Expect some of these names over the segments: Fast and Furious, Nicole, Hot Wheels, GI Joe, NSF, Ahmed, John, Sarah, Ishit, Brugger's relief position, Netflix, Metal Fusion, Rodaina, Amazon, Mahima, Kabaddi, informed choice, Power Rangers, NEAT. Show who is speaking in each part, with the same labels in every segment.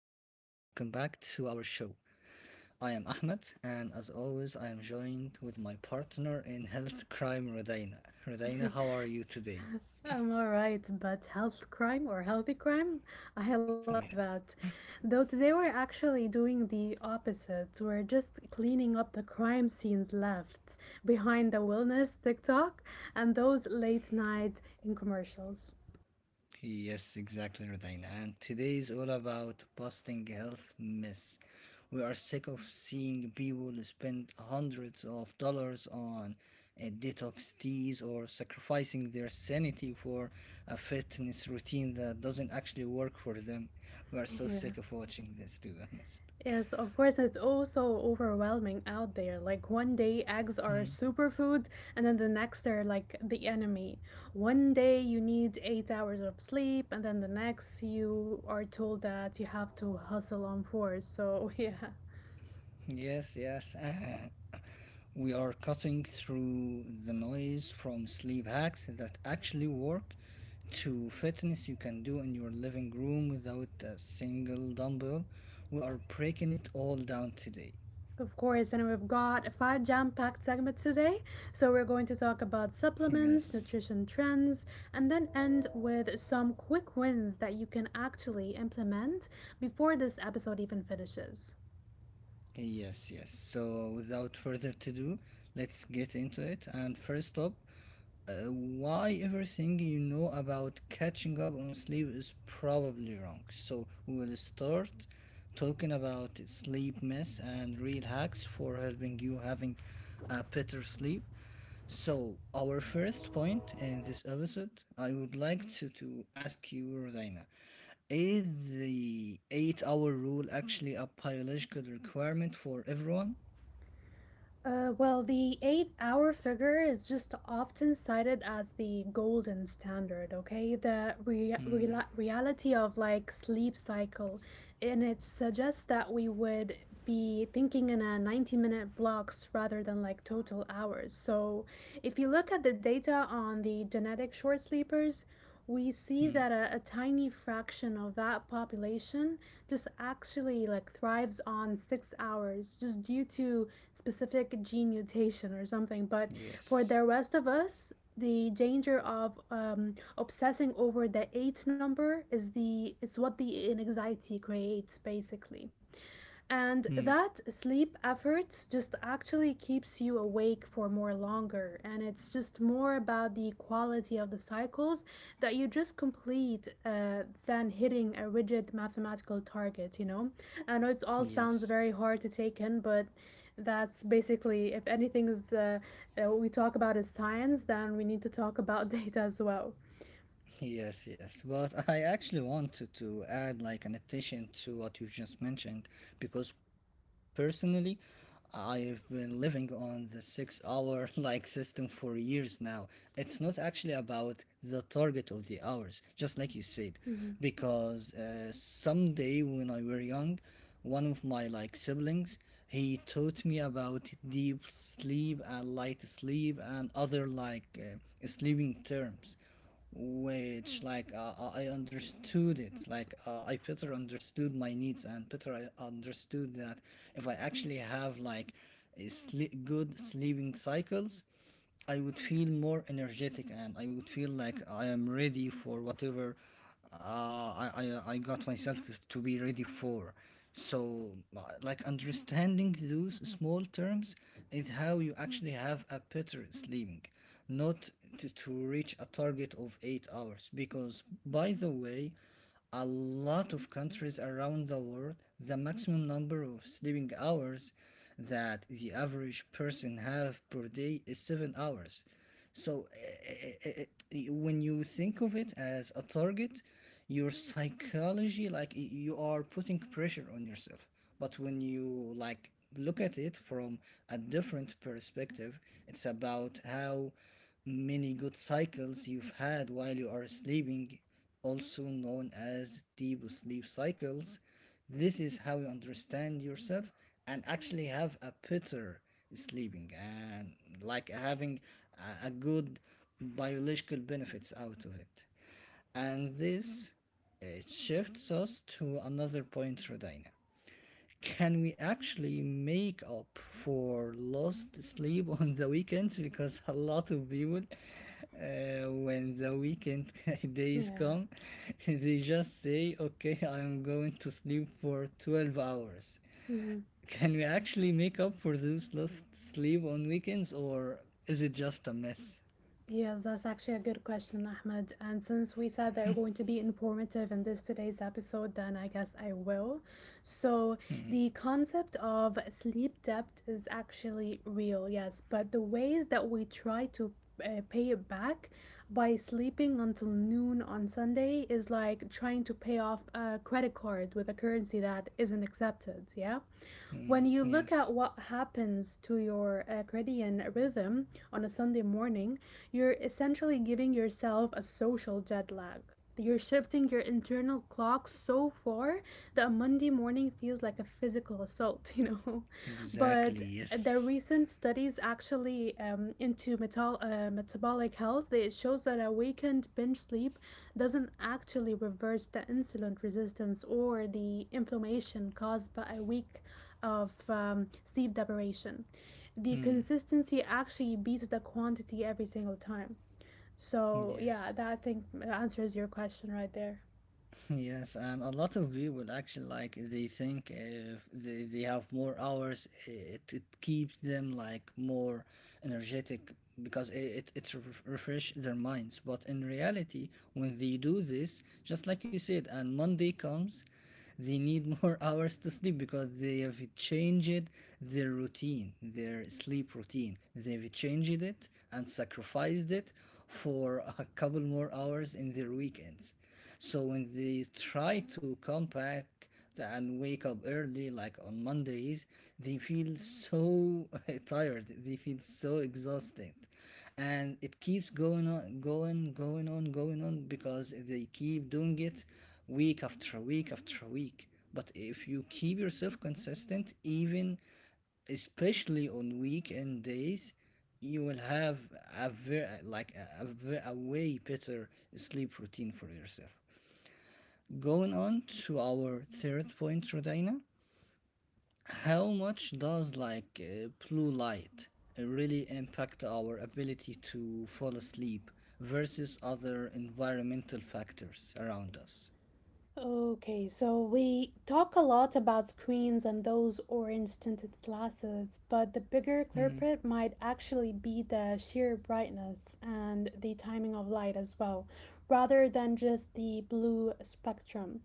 Speaker 1: welcome back to our show. I am Ahmed, and as always, I am joined with my partner in health crime, Rodaina. Rodaina, how are you today?
Speaker 2: I'm all right, but health crime or healthy crime? I like
Speaker 1: Yes.
Speaker 2: that. Though today we're actually doing the opposite. We're just cleaning up the crime scenes left behind the wellness TikTok and those late night in commercials.
Speaker 1: Yes, exactly, Rodina. And today is all about busting health myths. We are sick of seeing people spend hundreds of dollars on detox teas or sacrificing their sanity for a fitness routine that doesn't actually work for them. We are so
Speaker 2: Yeah.
Speaker 1: sick of watching this, to be honest.
Speaker 2: Yes, of course, it's all so overwhelming out there. Like one day eggs are
Speaker 1: Mm.
Speaker 2: superfood, and then the next they're like the enemy. One day you need 8 hours of sleep, and then the next you are told that you have to hustle on fours. So, yeah.
Speaker 1: Yes. We are cutting through the noise from sleep hacks that actually work to fitness you can do in your living room without a single dumbbell. We are breaking it all down today.
Speaker 2: Of course, and we've got five jam packed segments today. So, we're going to talk about supplements,
Speaker 1: Yes.
Speaker 2: nutrition trends, and then end with some quick wins that you can actually implement before this episode even finishes.
Speaker 1: Yes. So without further to do, let's get into it. And first up, Uh, why everything you know about catching up on sleep is probably wrong. So we will start talking about sleep myths and real hacks for helping you having a better sleep. So our first point in this episode, I would like to ask you, Rodina, is the eight-hour rule actually a biological requirement for everyone?
Speaker 2: The 8 hour figure is just often cited as the golden standard, okay? The rea-
Speaker 1: Mm,
Speaker 2: reala- reality of like sleep cycle. And it suggests that we would be thinking in a 90-minute blocks rather than like total hours. So if you look at the data on the genetic short sleepers, we see
Speaker 1: mm,
Speaker 2: that a tiny fraction of that population just actually like thrives on 6 hours just due to specific gene mutation or something. But for
Speaker 1: yes.
Speaker 2: the rest of us, the danger of obsessing over the eight number is the it's what the anxiety creates basically. And
Speaker 1: Hmm.
Speaker 2: that sleep effort just actually keeps you awake for more longer. And it's just more about the quality of the cycles that you just complete than hitting a rigid mathematical target, you know? I know it all sounds
Speaker 1: Yes.
Speaker 2: very hard to take in, but that's basically, if anything is we talk about is science, then we need to talk about data as well.
Speaker 1: Yes. But I actually wanted to add like an addition to what you just mentioned because personally, I've been living on the 6 hour like system for years now. It's not actually about the target of the hours, just like you said,
Speaker 2: Hmm.
Speaker 1: because someday when I were young, one of my like siblings he taught me about deep sleep and light sleep and other like sleeping terms which like uh, I understood it. Like I better understood my needs and better I understood that if I actually have like good sleeping cycles, I would feel more energetic and I would feel like I am ready for whatever uh, I got myself to be ready for. So, like understanding those small terms is how you actually have a better sleeping, not to reach a target of 8 hours. Because, by the way, a lot of countries around the world, the maximum number of sleeping hours that the average person have per day is 7 hours. So when you think of it as a target, your psychology you are putting pressure on yourself. But when you like look at it from a different perspective, it's about how many good cycles you've had while you are sleeping, also known as deep sleep cycles. This is how you understand yourself and actually have a better sleeping and like having a good biological benefits out of it. And this it shifts us to another point, Rodina. Can we actually make up for lost sleep on the weekends? Because a lot of people, when the weekend days
Speaker 2: Yeah.
Speaker 1: come, they just say, okay, I'm going to sleep for 12 hours.
Speaker 2: Mhm.
Speaker 1: Can we actually make up for this lost sleep on weekends, or is it just a myth?
Speaker 2: Yes, that's actually a good question, Ahmed. And since we said they're going to be informative in this today's episode, then I guess I will. So, the concept of sleep debt is actually real, yes, but the ways that we try to pay it back by sleeping until noon on Sunday is like trying to pay off a credit card with a currency that isn't accepted, yeah?
Speaker 1: Hmm,
Speaker 2: When you look
Speaker 1: yes,
Speaker 2: at what happens to your circadian rhythm on a Sunday morning, you're essentially giving yourself a social jet lag. You're shifting your internal clock so far that Monday morning feels like a physical assault, you know?
Speaker 1: exactly,
Speaker 2: But the
Speaker 1: yes.
Speaker 2: recent studies actually into metabolic health it shows that a weekend binge sleep doesn't actually reverse the insulin resistance or the inflammation caused by a weak of sleep deprivation. The
Speaker 1: Hmm,
Speaker 2: consistency actually beats the quantity every single time. So, yeah,
Speaker 1: yes.
Speaker 2: that I think answers your question right there.
Speaker 1: Yes, and a lot of people actually like they think if they have more hours, it keeps them like more energetic because it refresh their minds. But in reality, when they do this, just like you said, and Monday comes, they need more hours to sleep because they have changed their routine, their sleep routine. They've changed it and sacrificed it for a couple more hours in their weekends, so when they try to come back and wake up early, like on Mondays, they feel so tired. They feel so exhausted, and it keeps going on, going on, going on because they keep doing it week after week after week. But if you keep yourself consistent, even especially on weekend days, you will have a very like a, ve- a way better sleep routine for yourself, going on to our third point, Rodina. How much does like blue light really impact our ability to fall asleep versus other environmental factors around us?
Speaker 2: Okay, so we talk a lot about screens and those orange tinted glasses, but the bigger
Speaker 1: Hmm,
Speaker 2: culprit might actually be the sheer brightness and the timing of light as well, rather than just the blue spectrum.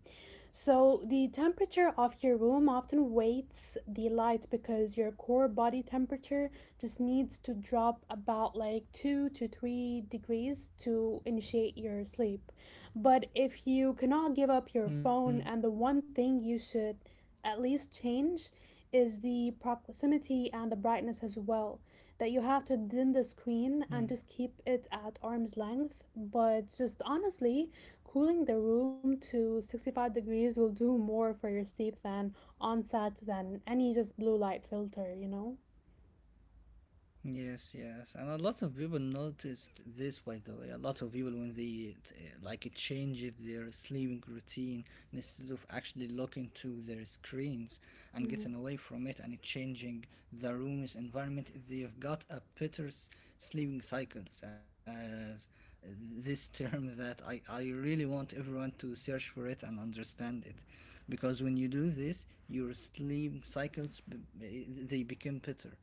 Speaker 2: So, the temperature of your room often weights the light because your core body temperature just needs to drop about like 2 to 3 degrees to initiate your sleep. But if you cannot give up your
Speaker 1: hmm,
Speaker 2: phone, and the one thing you should at least change is the proximity and the brightness as well. That you have to dim the
Speaker 1: hmm.
Speaker 2: screen and just keep it at arm's length. But just honestly, cooling the room to 65 degrees will do more for your sleep than onset than any just blue light filter, you know?
Speaker 1: Yes, yes, and a lot of people noticed this. By the way, a lot of people when they like change their sleeping routine instead of actually looking to their screens and
Speaker 2: Hmm.
Speaker 1: getting away from it and changing the room's environment, they've got sleeping cycles. As this term that I really want everyone to search for it and understand it, because when you do this, your they become better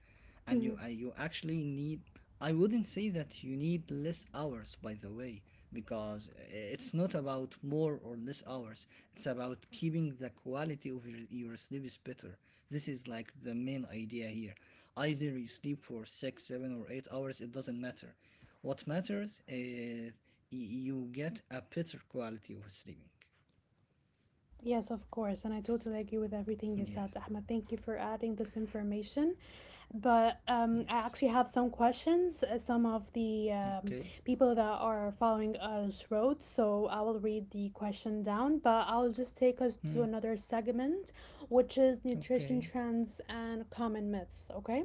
Speaker 1: and
Speaker 2: Hmm.
Speaker 1: you you actually need, I wouldn't say that you need less hours by the way, because it's not about more or less hours, it's about keeping the quality of your sleep is better. This is like the main idea here. Either you sleep for 6, 7 or 8 hours, it doesn't matter. What matters is you get a better quality of sleeping.
Speaker 2: Yes, of course. And I totally agree with everything you
Speaker 1: Yes.
Speaker 2: said, Ahmed. Thank you for adding this information. But I
Speaker 1: Yes.
Speaker 2: actually have some questions, some of the
Speaker 1: Okay.
Speaker 2: people that are following us wrote. So I will read the question down, but I'll just take us to
Speaker 1: Hmm.
Speaker 2: another segment, which is nutrition
Speaker 1: Okay.
Speaker 2: trends and common myths, okay?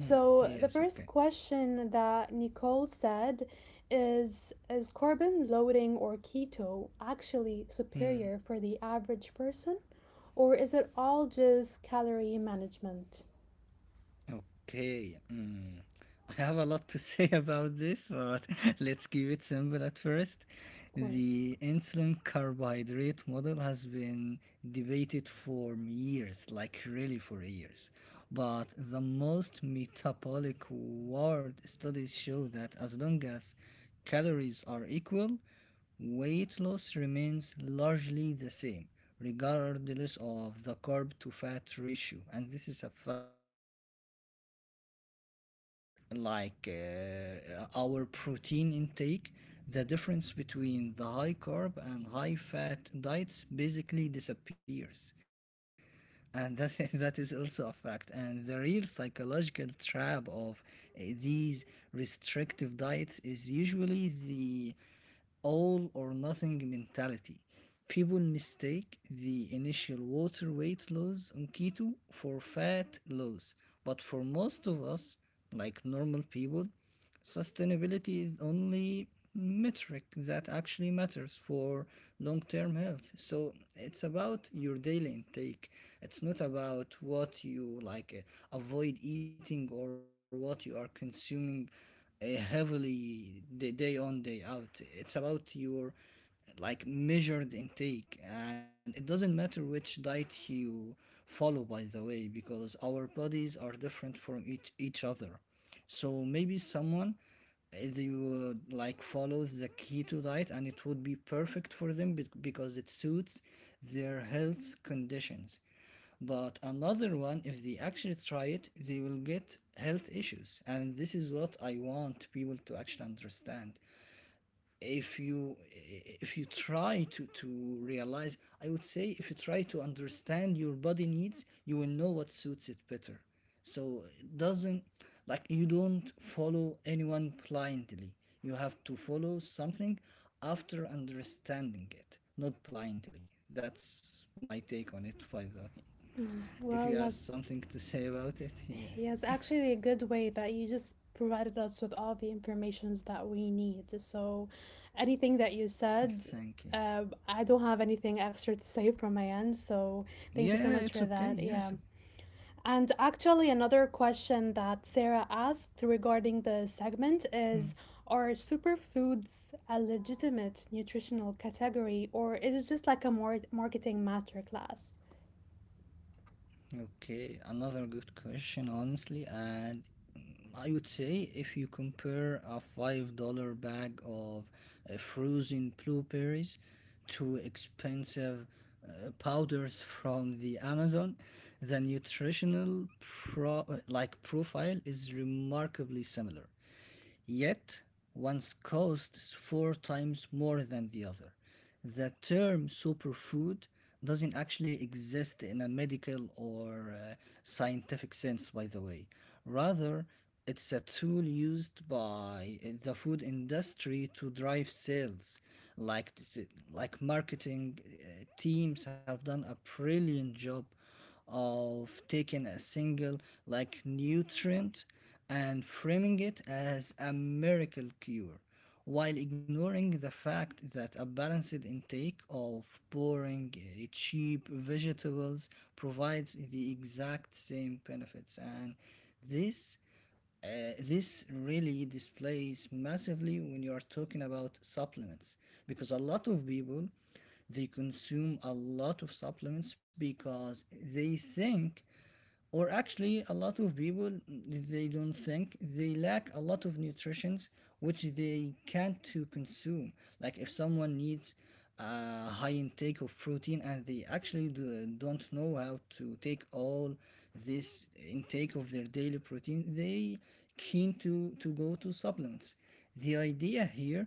Speaker 1: Hmm.
Speaker 2: the
Speaker 1: Yes,
Speaker 2: first
Speaker 1: okay.
Speaker 2: question that Nicole said is carbon loading or keto actually
Speaker 1: Hmm.
Speaker 2: superior for the average person or is it all just calorie management?
Speaker 1: Okay, mm, I have a lot to say about this, but let's keep it simple at first.
Speaker 2: Of course.
Speaker 1: The insulin carbohydrate model has been debated for years, like really for years. But the most metabolic world studies show that as long as calories are equal, weight loss remains largely the same, regardless of the carb to fat ratio. And this is a fact, by the way. When we control like our protein intake, the difference between the high carb and high fat diets basically disappears, and that that is also a fact. And the real psychological trap of these restrictive diets is usually the all or nothing mentality. People mistake the initial water weight loss on keto for fat loss, but for most of us, like normal people, sustainability is only metric that actually matters for long-term health. So it's about your daily intake. It's not about what you like avoid eating or what you are consuming heavily, day on day out. It's about your like measured intake, and it doesn't matter which diet you follow, by the way, because our bodies are different from each other. So maybe someone, they would like follow the keto diet and it would be perfect for them, because it suits their health conditions, but another one if they actually try it they will get health issues. And this is what I want people to actually understand. If you, if you try to realize, I would say if you try to understand your body needs, you will know what suits it better. So it doesn't, like, you don't follow anyone blindly. You have to follow something after understanding it, not blindly. That's my take on it, by the way, if
Speaker 2: Well,
Speaker 1: you have
Speaker 2: that's
Speaker 1: something to say about it. Yeah.
Speaker 2: yes, actually a good way that you just provided us with all the informations that we need. So anything that you said
Speaker 1: Thank you.
Speaker 2: I don't have anything extra to say from my end, so thank you so
Speaker 1: Yeah,
Speaker 2: much
Speaker 1: it's
Speaker 2: for
Speaker 1: okay.
Speaker 2: that. Yeah.
Speaker 1: Yes.
Speaker 2: And actually, another question that Sarah asked regarding the segment
Speaker 1: Hmm.
Speaker 2: is are superfoods a legitimate nutritional category, or is it just like a more marketing masterclass?
Speaker 1: Okay, another good question, honestly. And I would say if you compare a $5 bag of frozen blueberries to expensive powders from the Amazon, the like profile is remarkably similar, yet one's costs four times more than the other. The term superfood doesn't actually exist in a medical or scientific sense, by the way. Rather, it's a tool used by the food industry to drive sales, like, like marketing teams have done a brilliant job of taking a single like nutrient and framing it as a miracle cure, while ignoring the fact that a balanced intake of boring cheap vegetables provides the exact same benefits. And this, this really displays massively when you are talking about supplements, because a lot of people they consume a lot of supplements because they think, or actually a lot of people they don't think, they lack a lot of nutrients which they can't to consume. Like if someone needs high intake of protein and they actually don't know how to take all this intake of their daily protein, they keen to go to supplements. The idea here,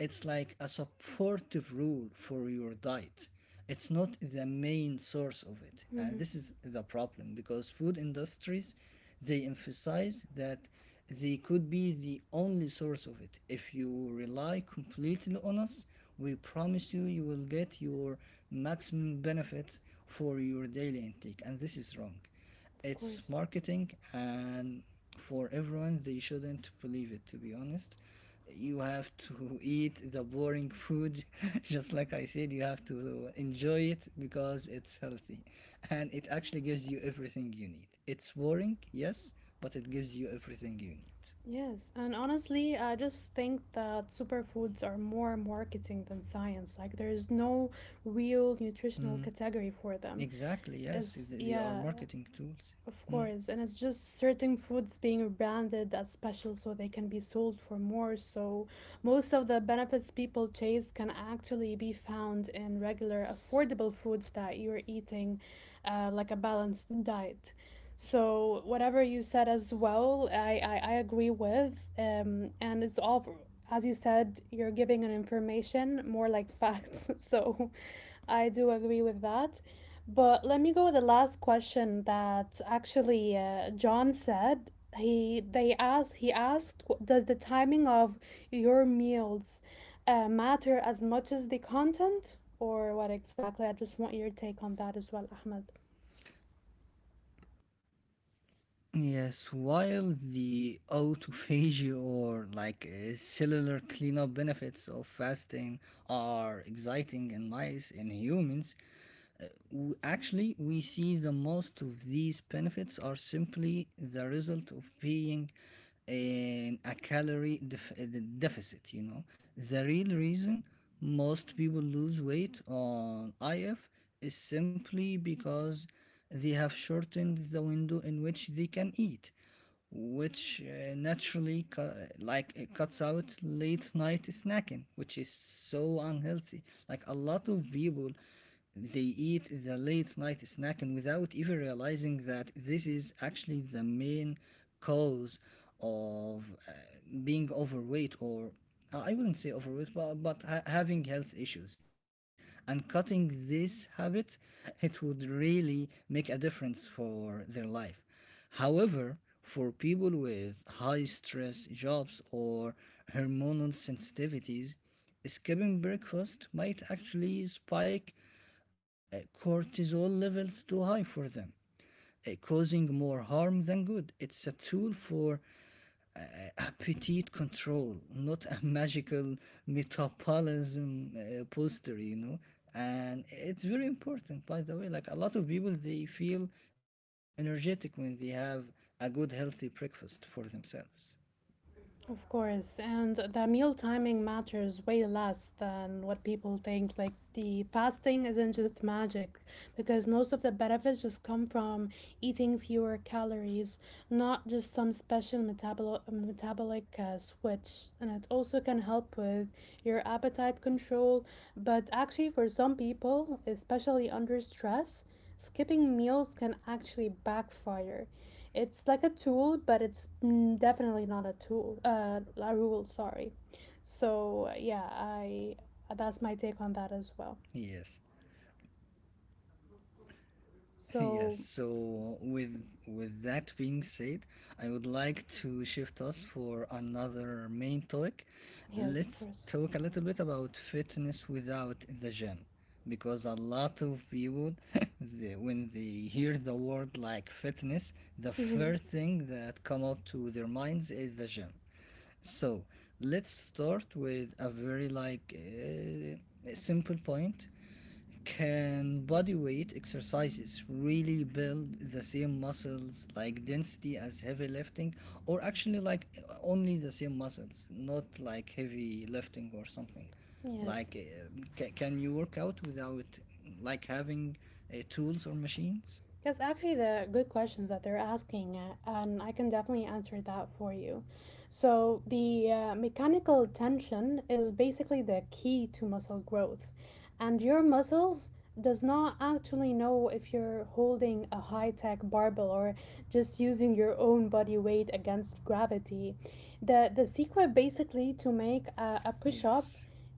Speaker 1: it's like a supportive rule for your diet. It's not the main source of it, and
Speaker 2: Mhm,
Speaker 1: this is the problem because food industries they emphasize that they could be the only source of it. If you rely completely on us, we promise you you will get your maximum benefit for your daily intake. And this is wrong.
Speaker 2: of
Speaker 1: It's
Speaker 2: course.
Speaker 1: marketing, and for everyone, they shouldn't believe it, to be honest. You have to eat the boring food just like I said. You have to enjoy it because it's healthy and it actually gives you everything you need. It's boring, yes, but it gives you everything you need.
Speaker 2: Yes, and honestly, I just think that superfoods are more marketing than science. Like, there's no real nutritional
Speaker 1: Mm,
Speaker 2: category for them.
Speaker 1: exactly, yes,
Speaker 2: Is
Speaker 1: they are
Speaker 2: yeah,
Speaker 1: marketing tools.
Speaker 2: of
Speaker 1: Mm.
Speaker 2: course, and it's just certain foods being branded as special so they can be sold for more. So, most of the benefits people chase can actually be found in regular, affordable foods that you're eating, like a balanced diet. So, whatever you said as well, I agree with. And it's all, for, as you said, you're giving an information more like facts. So, I do agree with that. But let me go with the last question that actually John said. He asked does the timing of your meals matter as much as the content or what exactly? I just want your take on that as well, Ahmed.
Speaker 1: Yes, while the autophagy or cellular cleanup benefits of fasting are exciting and nice in humans, actually we see the most of these benefits are simply the result of being in a calorie deficit, you know. The real reason most people lose weight on IF is simply because they have shortened the window in which they can eat, which naturally it cuts out late night snacking, which is so unhealthy. Like a lot of people, they eat the late night snacking without even realizing that this is actually the main cause of being overweight, or I wouldn't say overweight, but having health issues. And cutting this habit, it would really make a difference for their life. However, for people with high stress jobs or hormonal sensitivities, skipping breakfast might actually spike cortisol levels too high for them, causing more harm than good. It's a tool for appetite control, not a magical metabolism poster, you know. And it's very important, by the way. Like a lot of people, they feel energetic when they have a good, healthy breakfast for themselves.
Speaker 2: Of course, and the meal timing matters way less than what people think. Like the fasting isn't just magic because most of the benefits just come from eating fewer calories, not just some special metabolic switch. And it also can help with your appetite control. But actually, for some people, especially under stress, skipping meals can actually backfire. It's like a tool, but it's definitely not a tool. A rule, sorry. So yeah, I that's my take on that as well.
Speaker 1: Yes. Yes,
Speaker 2: So
Speaker 1: so with that being said, I would like to shift us for another main topic.
Speaker 2: yes, of
Speaker 1: Let's
Speaker 2: course.
Speaker 1: talk a little bit about fitness without the gym, because a lot of people, they, when they hear the word like fitness, the
Speaker 2: Hmm.
Speaker 1: first thing that come up to their minds is the gym. So let's start with a very simple point. Can body weight exercises really build the same muscles like density as heavy lifting, or actually like only the same muscles, not like heavy lifting or something?
Speaker 2: Yes.
Speaker 1: Like, can you work out without like having tools or machines?
Speaker 2: That's actually the good questions that they're asking, and I can definitely answer that for you. So, the mechanical tension is basically the key to muscle growth, and your muscles does not actually know if you're holding a high-tech barbell or just using your own body weight against gravity. The secret basically to make a push-up
Speaker 1: Yes,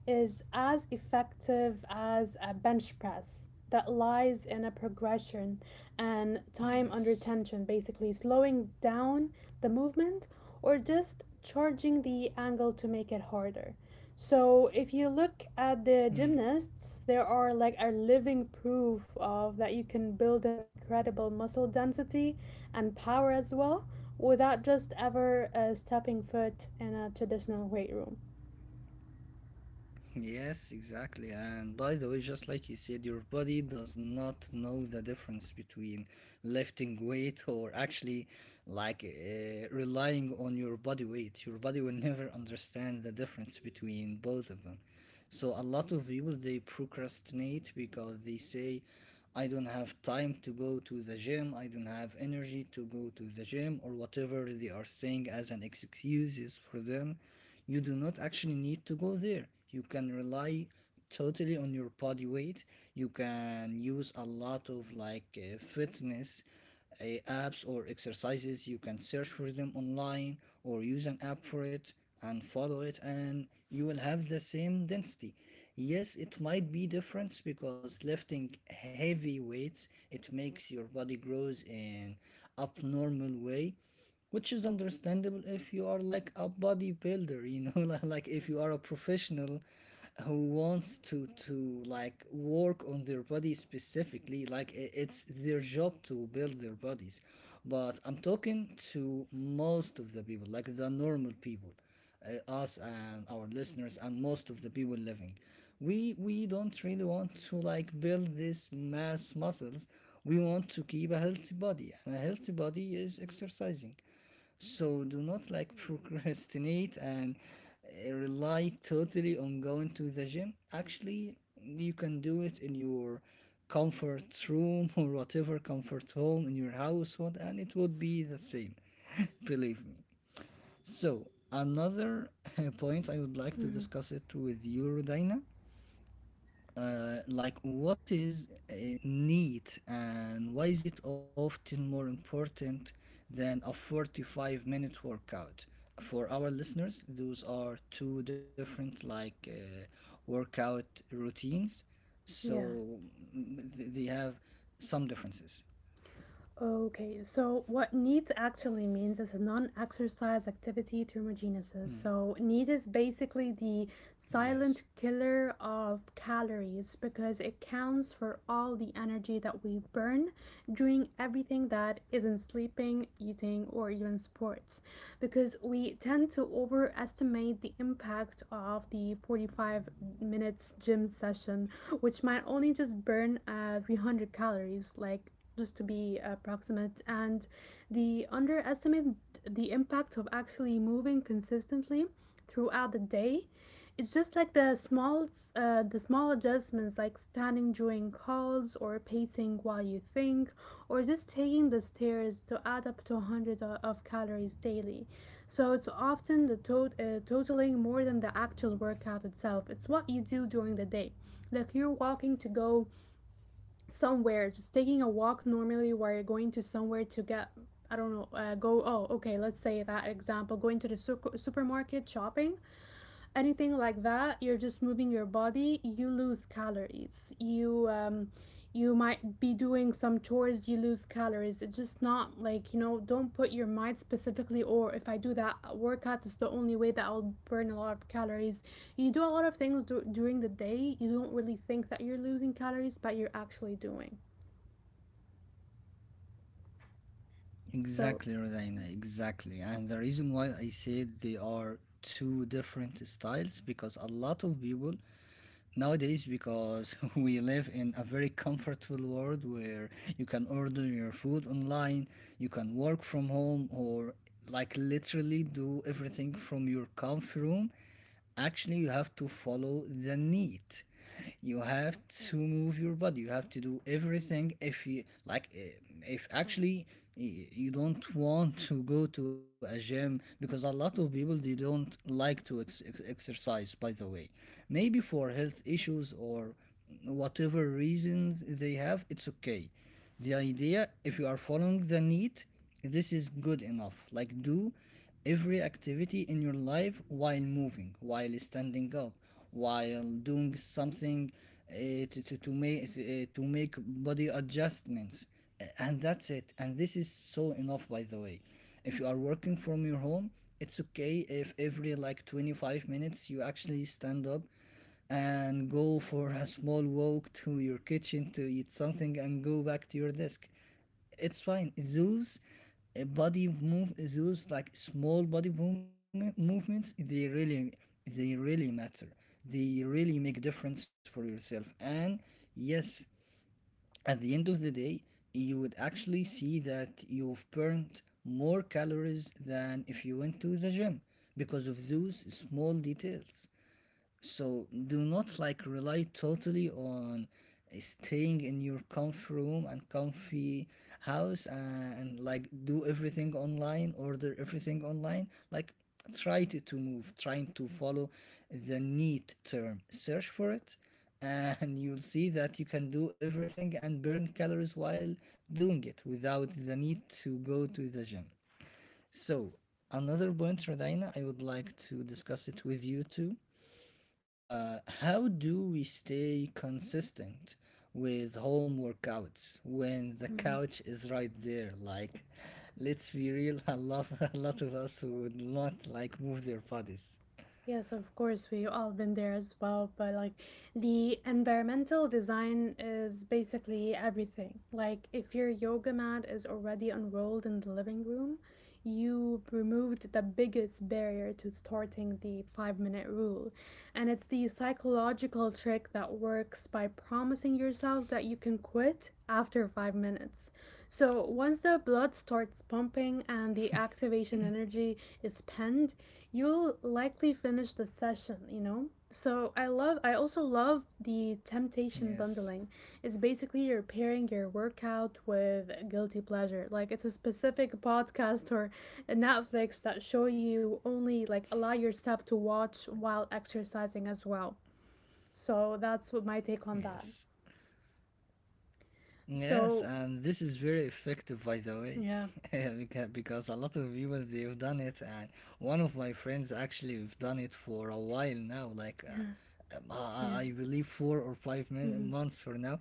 Speaker 2: is as effective as a bench press that lies in a progression and time under
Speaker 1: yes.
Speaker 2: tension, basically slowing down the movement or just charging the angle to make it harder. So if you look at the
Speaker 1: Hmm.
Speaker 2: gymnasts, there are like a living proof of that you can build an incredible muscle density and power as well without just ever stepping foot in a traditional weight room.
Speaker 1: Yes, exactly. And by the way, just like you said, your body does not know the difference between lifting weight or actually relying on your body weight. Your body will never understand the difference between both of them. So a lot of people, they procrastinate because they say, I don't have time to go to the gym, I don't have energy to go to the gym, or whatever they are saying as an excuse is for them. You do not actually need to go there. You can rely totally on your body weight. You can use a lot of fitness apps or exercises. You can search for them online or use an app for it and follow it, and you will have the same density. Yes, it might be difference because lifting heavy weights, it makes your body grows in abnormal way, which is understandable if you are like a bodybuilder, you know. Like if you are a professional who wants to like work on their body specifically, like it's their job to build their bodies. But I'm talking to most of the people, like the normal people, us and our listeners and most of the people living. We don't really want to like build this mass muscles. We want to keep a healthy body, and a healthy body is exercising. So do not like procrastinate and rely totally on going to the gym. Actually, you can do it in your comfort room or whatever comfort home in your household, and it would be the same. Believe me. So another point I would like to
Speaker 2: Mm-hmm.
Speaker 1: discuss it with you, Rodina. Like, what is neat and why is it often more important than a 45-minute workout? For our listeners, those are two different workout routines,
Speaker 2: Yeah.
Speaker 1: so they have some differences.
Speaker 2: Okay, so what needs actually means is a non exercise activity thermogenesis. So, need is basically the silent
Speaker 1: Yes.
Speaker 2: killer of calories because it counts for all the energy that we burn doing everything that isn't sleeping, eating, or even sports because we tend to overestimate the impact of the 45 minutes gym session, which might only just burn 300 calories, like just to be approximate and the underestimate the impact of actually moving consistently throughout the day. It's just like the small adjustments like standing during calls or pacing while you think or just taking the stairs to add up to 100 of calories daily, so it's often totaling more than the actual workout itself. It's what you do during the day. Like you're walking to go somewhere, just taking a walk normally where you're going to somewhere to get I don't know, okay, let's say that example, going to the supermarket shopping, anything like that. You're just moving your body, you lose calories, you you might be doing some chores, you lose calories. It's just not like, you know, don't put your mind specifically or if I do that workout it's the only way that I'll burn a lot of calories. You do a lot of things during the day, you don't really think that you're losing calories but you're actually doing. So
Speaker 1: Exactly, Rodina, exactly. And the reason why I said they are two different styles, because a lot of people nowadays, because we live in a very comfortable world where you can order your food online, you can work from home, or like literally do everything from your comfy room, actually you have to follow the need. You have to move your body, you have to do everything. If you like if actually you don't want to go to a gym, because a lot of people, they don't like to exercise, by the way, maybe for health issues or whatever reasons they have, it's okay. The idea, if you are following the need, this is good enough. Like, do every activity in your life while moving, while standing up, while doing something to make, to make body adjustments. And that's it. And this is so enough, by the way. If you are working from your home, it's okay if every like 25 minutes you actually stand up and go for a small walk to your kitchen to eat something and go back to your desk, it's fine. Those those like small body movements, they really matter. They really make difference for yourself. And yes, at the end of the day, you would actually see that you've burned more calories than if you went to the gym because of those small details. So do not like rely totally on staying in your comfy room and comfy house, and like do everything online, order everything online. Like try to move, trying to follow the need term. Search for it, and you'll see that you can do everything and burn calories while doing it without the need to go to the gym. So another point, Rodina, I would like to discuss it with you too. How do we stay consistent with home workouts when the
Speaker 2: mm-hmm.
Speaker 1: couch is right there? Like, let's be real. A lot of us would not like move their bodies.
Speaker 2: Yes, of course, we've all been there as well. But like the environmental design is basically everything. Like if your yoga mat is already unrolled in the living room, you removed the biggest barrier to starting the 5 minute rule. And it's the psychological trick that works by promising yourself that you can quit after 5 minutes. So once the blood starts pumping and the activation energy is penned, you'll likely finish the session, you know? So I also love the temptation
Speaker 1: Yes,
Speaker 2: bundling. It's basically you're pairing your workout with guilty pleasure. Like it's a specific podcast or a Netflix that show you only like allow yourself to watch while exercising as well. So that's what my take on that.
Speaker 1: yes, yes,
Speaker 2: So
Speaker 1: and this is very effective, by the way.
Speaker 2: yeah.
Speaker 1: Because a lot of people they've done it, and one of my friends, actually, we've done it for a while now, like. Uh, um,
Speaker 2: Yeah.
Speaker 1: I I believe four or five
Speaker 2: Mm-hmm.
Speaker 1: months for now,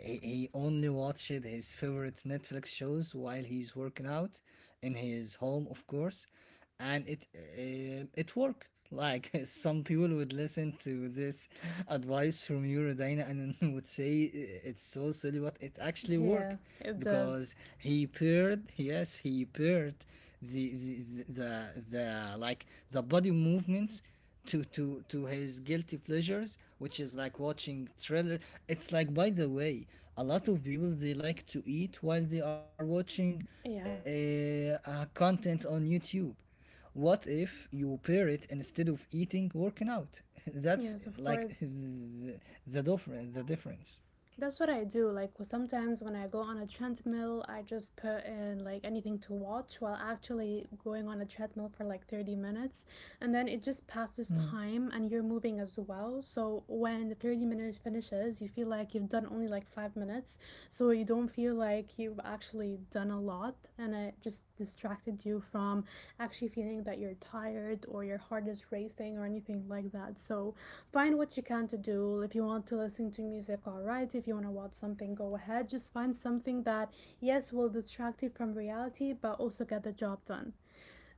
Speaker 1: he only watched his favorite Netflix shows while he's working out in his home, of course, and it it worked. Like some people would listen to this advice from Eurodina and would say it's so silly, but it actually worked
Speaker 2: Yeah, it does.
Speaker 1: because he paired the the the, the, the like the body movements to his guilty pleasures, which is like watching thriller. It's like, by the way, a lot of people, they like to eat while they are watching uh,
Speaker 2: Yeah.
Speaker 1: content on YouTube. What if you pair it, instead of eating, working out? That's
Speaker 2: Yes, of
Speaker 1: like
Speaker 2: course.
Speaker 1: the differ the difference.
Speaker 2: That's what I do. Like sometimes when I go on a treadmill, I just put in like anything to watch while actually going on a treadmill for like 30 minutes. And then it just passes
Speaker 1: Mm.
Speaker 2: time and you're moving as well. So when the 30 minutes finishes, you feel like you've done only like 5 minutes. So you don't feel like you've actually done a lot. And it just distracted you from actually feeling that you're tired or your heart is racing or anything like that. So find what you can to do. If you want to listen to music, all right, if you want to watch something, go ahead, just find something that, yes, will distract you from reality but also get the job done.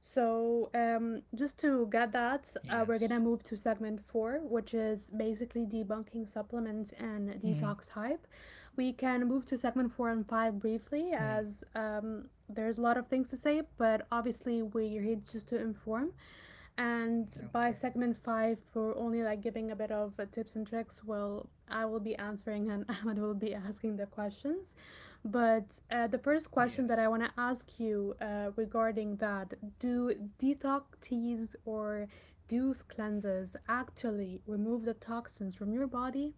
Speaker 2: So just to get that, we're gonna
Speaker 1: Yes.
Speaker 2: move to segment four, which is basically debunking supplements and
Speaker 1: Mm.
Speaker 2: detox hype. We can move to segment four and five briefly,
Speaker 1: Mm.
Speaker 2: as, there's a lot of things to say, but obviously we're here just to inform.
Speaker 1: Okay.
Speaker 2: And by segment five, we're only like giving a bit of tips and tricks. Well, I will be answering and Ahmed will be asking the questions. But the first question
Speaker 1: Yes.
Speaker 2: that I want to ask you regarding that, do detox teas or juice cleanses actually remove the toxins from your body?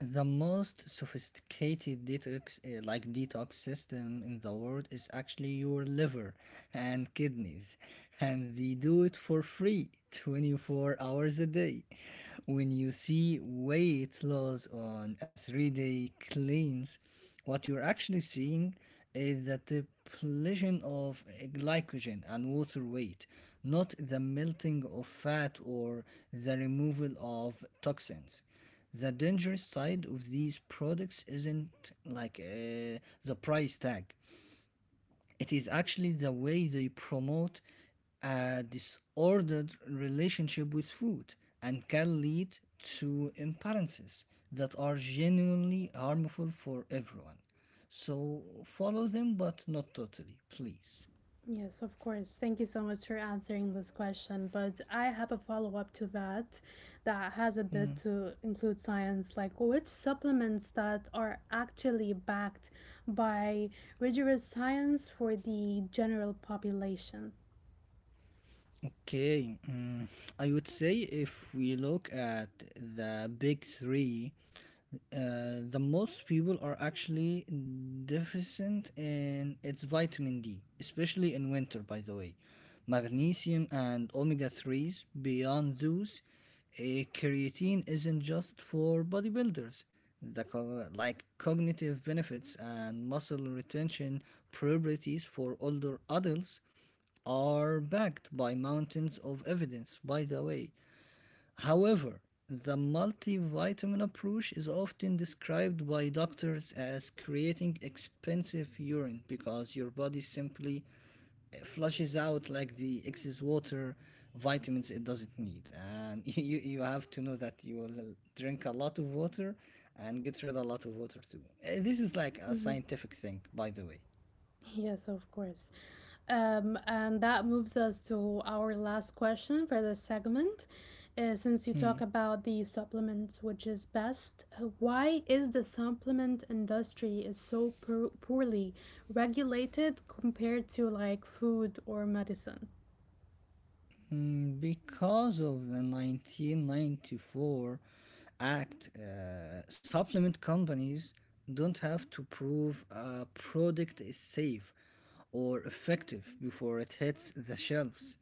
Speaker 1: The most sophisticated detox, detox system in the world is actually your liver and kidneys, and they do it for free 24 hours a day. When you see weight loss on a 3 day cleanse, what you're actually seeing is the depletion of glycogen and water weight, not the melting of fat or the removal of toxins. The dangerous side of these products isn't the price tag, it is actually the way they promote a disordered relationship with food and can lead to imbalances that are genuinely harmful for everyone. So follow them, but not totally, please.
Speaker 2: Yes, of course. Thank you so much for answering this question. But I have a follow up to that, that has a bit to include science, like which supplements that are actually backed by rigorous science for the general population.
Speaker 1: Okay, mm, I would say if we look at the big three. The most people are actually deficient in its vitamin D, especially in winter, by the way. Magnesium and omega 3s. Beyond those, a creatine isn't just for bodybuilders. The cognitive benefits and muscle retention properties for older adults are backed by mountains of evidence, by the way. However, the multivitamin approach is often described by doctors as creating expensive urine, because your body simply flushes out like the excess water vitamins it doesn't need, and you have to know that you will drink a lot of water and get rid of a lot of water too. This is like a scientific thing, by the way.
Speaker 2: Yes, of course. And that moves us to our last question for this segment. Since you
Speaker 1: Hmm.
Speaker 2: talk about the supplements, which is best, why is the supplement industry is so poorly regulated compared to like food or medicine?
Speaker 1: Mm, because of the 1994 Act, supplement companies don't have to prove a product is safe or effective before it hits the shelves.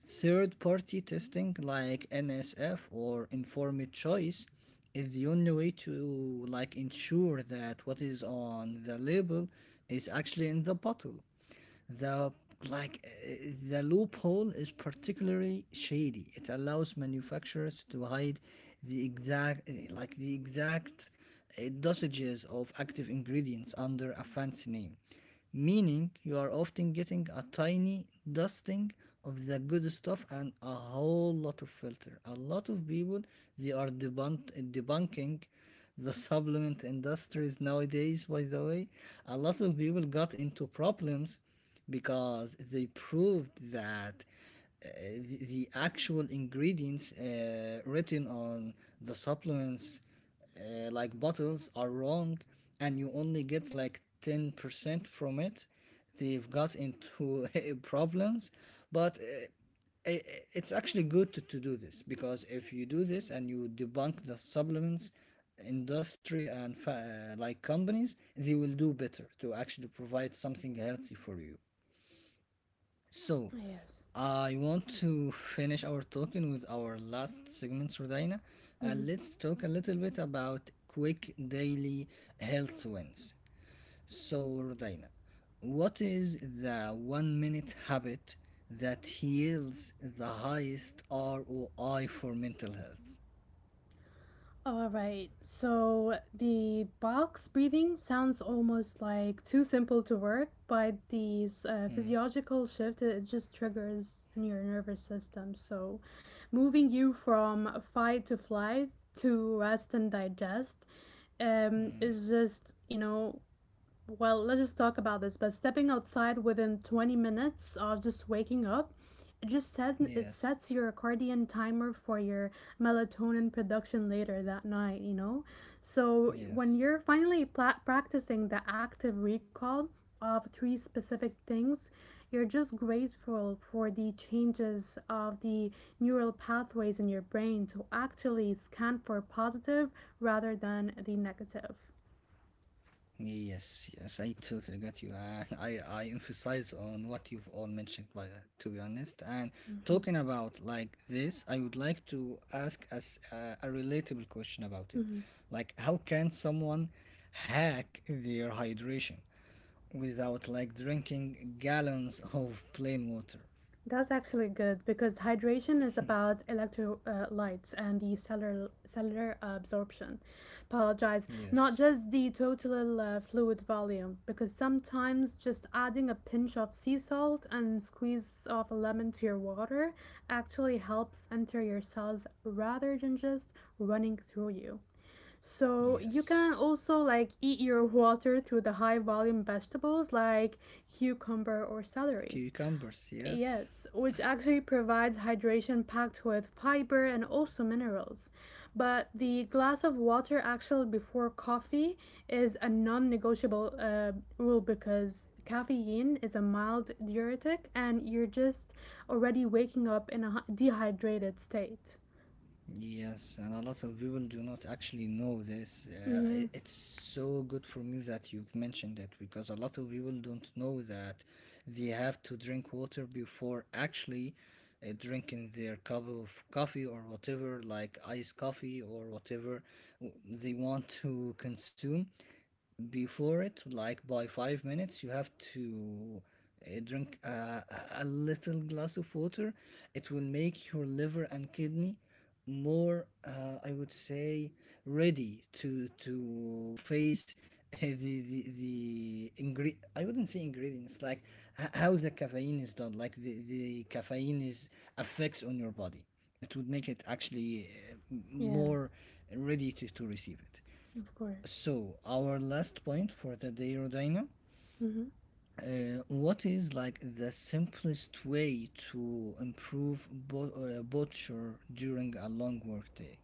Speaker 1: Third party testing, like NSF or informed choice, is the only way to like ensure that what is on the label is actually in the bottle. The the loophole is particularly shady. It allows manufacturers to hide the exact dosages of active ingredients under a fancy name, meaning you are often getting a tiny dusting of the good stuff and a whole lot of filter. A lot of people, they are debunking the supplement industries nowadays, by the way. A lot of people got into problems because they proved that the actual ingredients written on the supplements bottles are wrong, and you only get like 10% from it. They've got into problems, but i- it's actually good to do this, because if you do this and you debunk the supplements industry and companies, they will do better to actually provide something healthy for you. So,
Speaker 2: Yes.
Speaker 1: I want to finish our talking with our last segment, Rodina,
Speaker 2: Mm-hmm.
Speaker 1: and let's talk a little bit about quick daily health wins. So, Rodina, what is the 1 minute habit that yields the highest ROI for mental health?
Speaker 2: All right. So the box breathing sounds almost like too simple to work, but the physiological shift, it just triggers in your nervous system. So moving you from fight to flight to rest and digest, is just, you know, well, let's just talk about this. But stepping outside within 20 minutes of just waking up, it just sets it
Speaker 1: Yes,
Speaker 2: sets your accordion timer for your melatonin production later that night. You know, so when
Speaker 1: yes.
Speaker 2: you're finally practicing the active recall of three specific things, you're just grateful for the changes of the neural pathways in your brain to actually scan for positive rather than the negative.
Speaker 1: Yes, yes, I totally get you. And I emphasize on what you've all mentioned, by that, to be honest. And
Speaker 2: Mm-hmm.
Speaker 1: talking about like this, I would like to ask us a relatable question about it.
Speaker 2: Mm-hmm.
Speaker 1: Like, how can someone hack their hydration without like drinking gallons of plain water?
Speaker 2: That's actually good because hydration is about electrolytes and the cellular absorption. Apologize, not
Speaker 1: Yes,
Speaker 2: just the total fluid volume, because sometimes just adding a pinch of sea salt and squeeze of a lemon to your water actually helps enter your cells rather than just running through you. So you
Speaker 1: yes.
Speaker 2: can also like eat your water through the high volume vegetables like cucumber or celery.
Speaker 1: Cucumbers, yes.
Speaker 2: Yes, which actually provides hydration packed with fiber and also minerals. But the glass of water actually before coffee is a non negotiable rule because caffeine is a mild diuretic and you're just already waking up in a dehydrated state.
Speaker 1: Yes, and a lot of people do not actually know this.
Speaker 2: Mm-hmm.
Speaker 1: It's so good for me that you've mentioned it, because a lot of people don't know that they have to drink water before actually drinking their cup of coffee or whatever, like iced coffee or whatever they want to consume before it. Like, by 5 minutes, you have to drink a little glass of water. It will make your liver and kidney more, I would say, ready to face I wouldn't say ingredients. Like, how the caffeine is done, like the caffeine is affects on your body. It would make it actually
Speaker 2: Yeah,
Speaker 1: more ready to receive it.
Speaker 2: of course.
Speaker 1: So, our last point for the day, Rodina.
Speaker 2: Mm-hmm.
Speaker 1: What is like the simplest way to improve butcher during a long work day?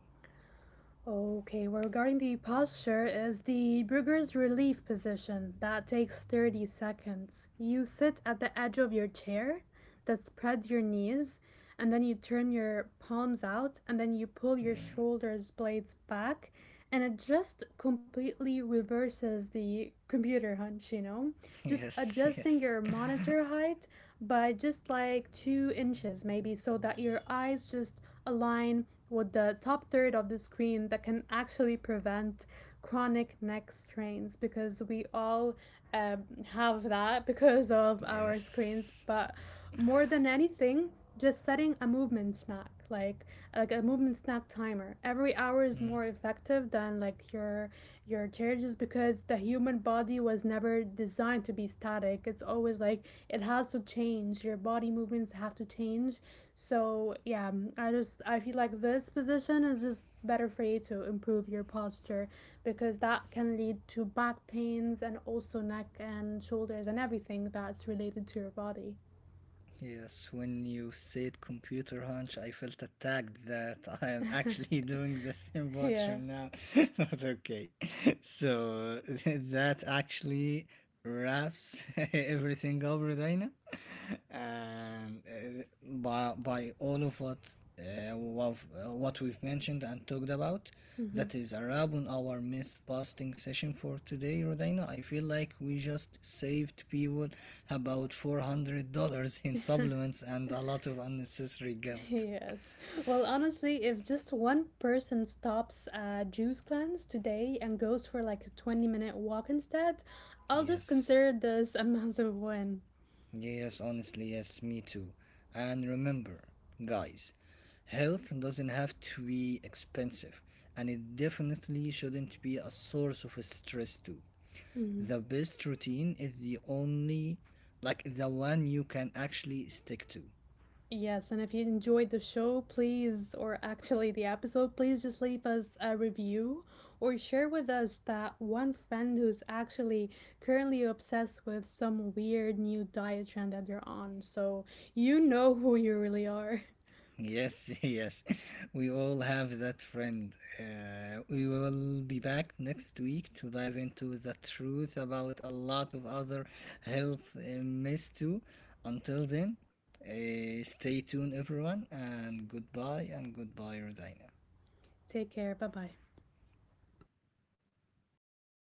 Speaker 2: Okay, well, regarding the posture is the Brugger's relief position. That takes 30 seconds. You sit at the edge of your chair, then spread your knees, and then you turn your palms out, and then you pull your shoulders blades back, and it just completely reverses the computer hunch, you know? Just
Speaker 1: Yes,
Speaker 2: adjusting
Speaker 1: yes,
Speaker 2: your monitor height by just like 2 inches, maybe, so that your eyes just align with the top third of the screen, that can actually prevent chronic neck strains because we all, have that because of our screens.
Speaker 1: yes.
Speaker 2: But more than anything, just setting a movement snack, like a movement snack timer. Every hour is
Speaker 1: Mm.
Speaker 2: more effective than like your chair, just because the human body was never designed to be static. It's always like it has to change. Your body movements have to change. So yeah, I just, I feel like this position is just better for you to improve your posture because that can lead to back pains and also neck and shoulders and everything that's related to your body.
Speaker 1: Yes, when you said computer hunch, I felt attacked that I am actually doing the same butcher
Speaker 2: Yeah.
Speaker 1: now. Not okay. So that actually wraps everything up, Rodina. And by all of what uh, what we've mentioned and talked about,
Speaker 2: Hmm.
Speaker 1: that is a wrap on our myth busting session for today, Rodina. I feel like we just saved people about $400 in supplements and a lot of unnecessary guilt.
Speaker 2: Yes. Well, honestly, if just one person stops a juice cleanse today and goes for like a 20-minute walk instead, I'll just
Speaker 1: Yes.
Speaker 2: consider this a massive win.
Speaker 1: Yes, honestly, yes, me too. And remember, guys, health doesn't have to be expensive, and it definitely shouldn't be a source of stress too.
Speaker 2: Mhm.
Speaker 1: The best routine is the only, like the one you can actually stick to.
Speaker 2: Yes, and if you enjoyed the show, please, or actually the episode, please just leave us a review or share with us that one friend who's actually currently obsessed with some weird new diet trend that they're on. So you know who you really are.
Speaker 1: Yes, yes. We all have that friend. We will be back next week to dive into the truth about a lot of other health myths too. Until then, stay tuned, everyone, and goodbye, Rodina.
Speaker 2: Take care. Bye bye.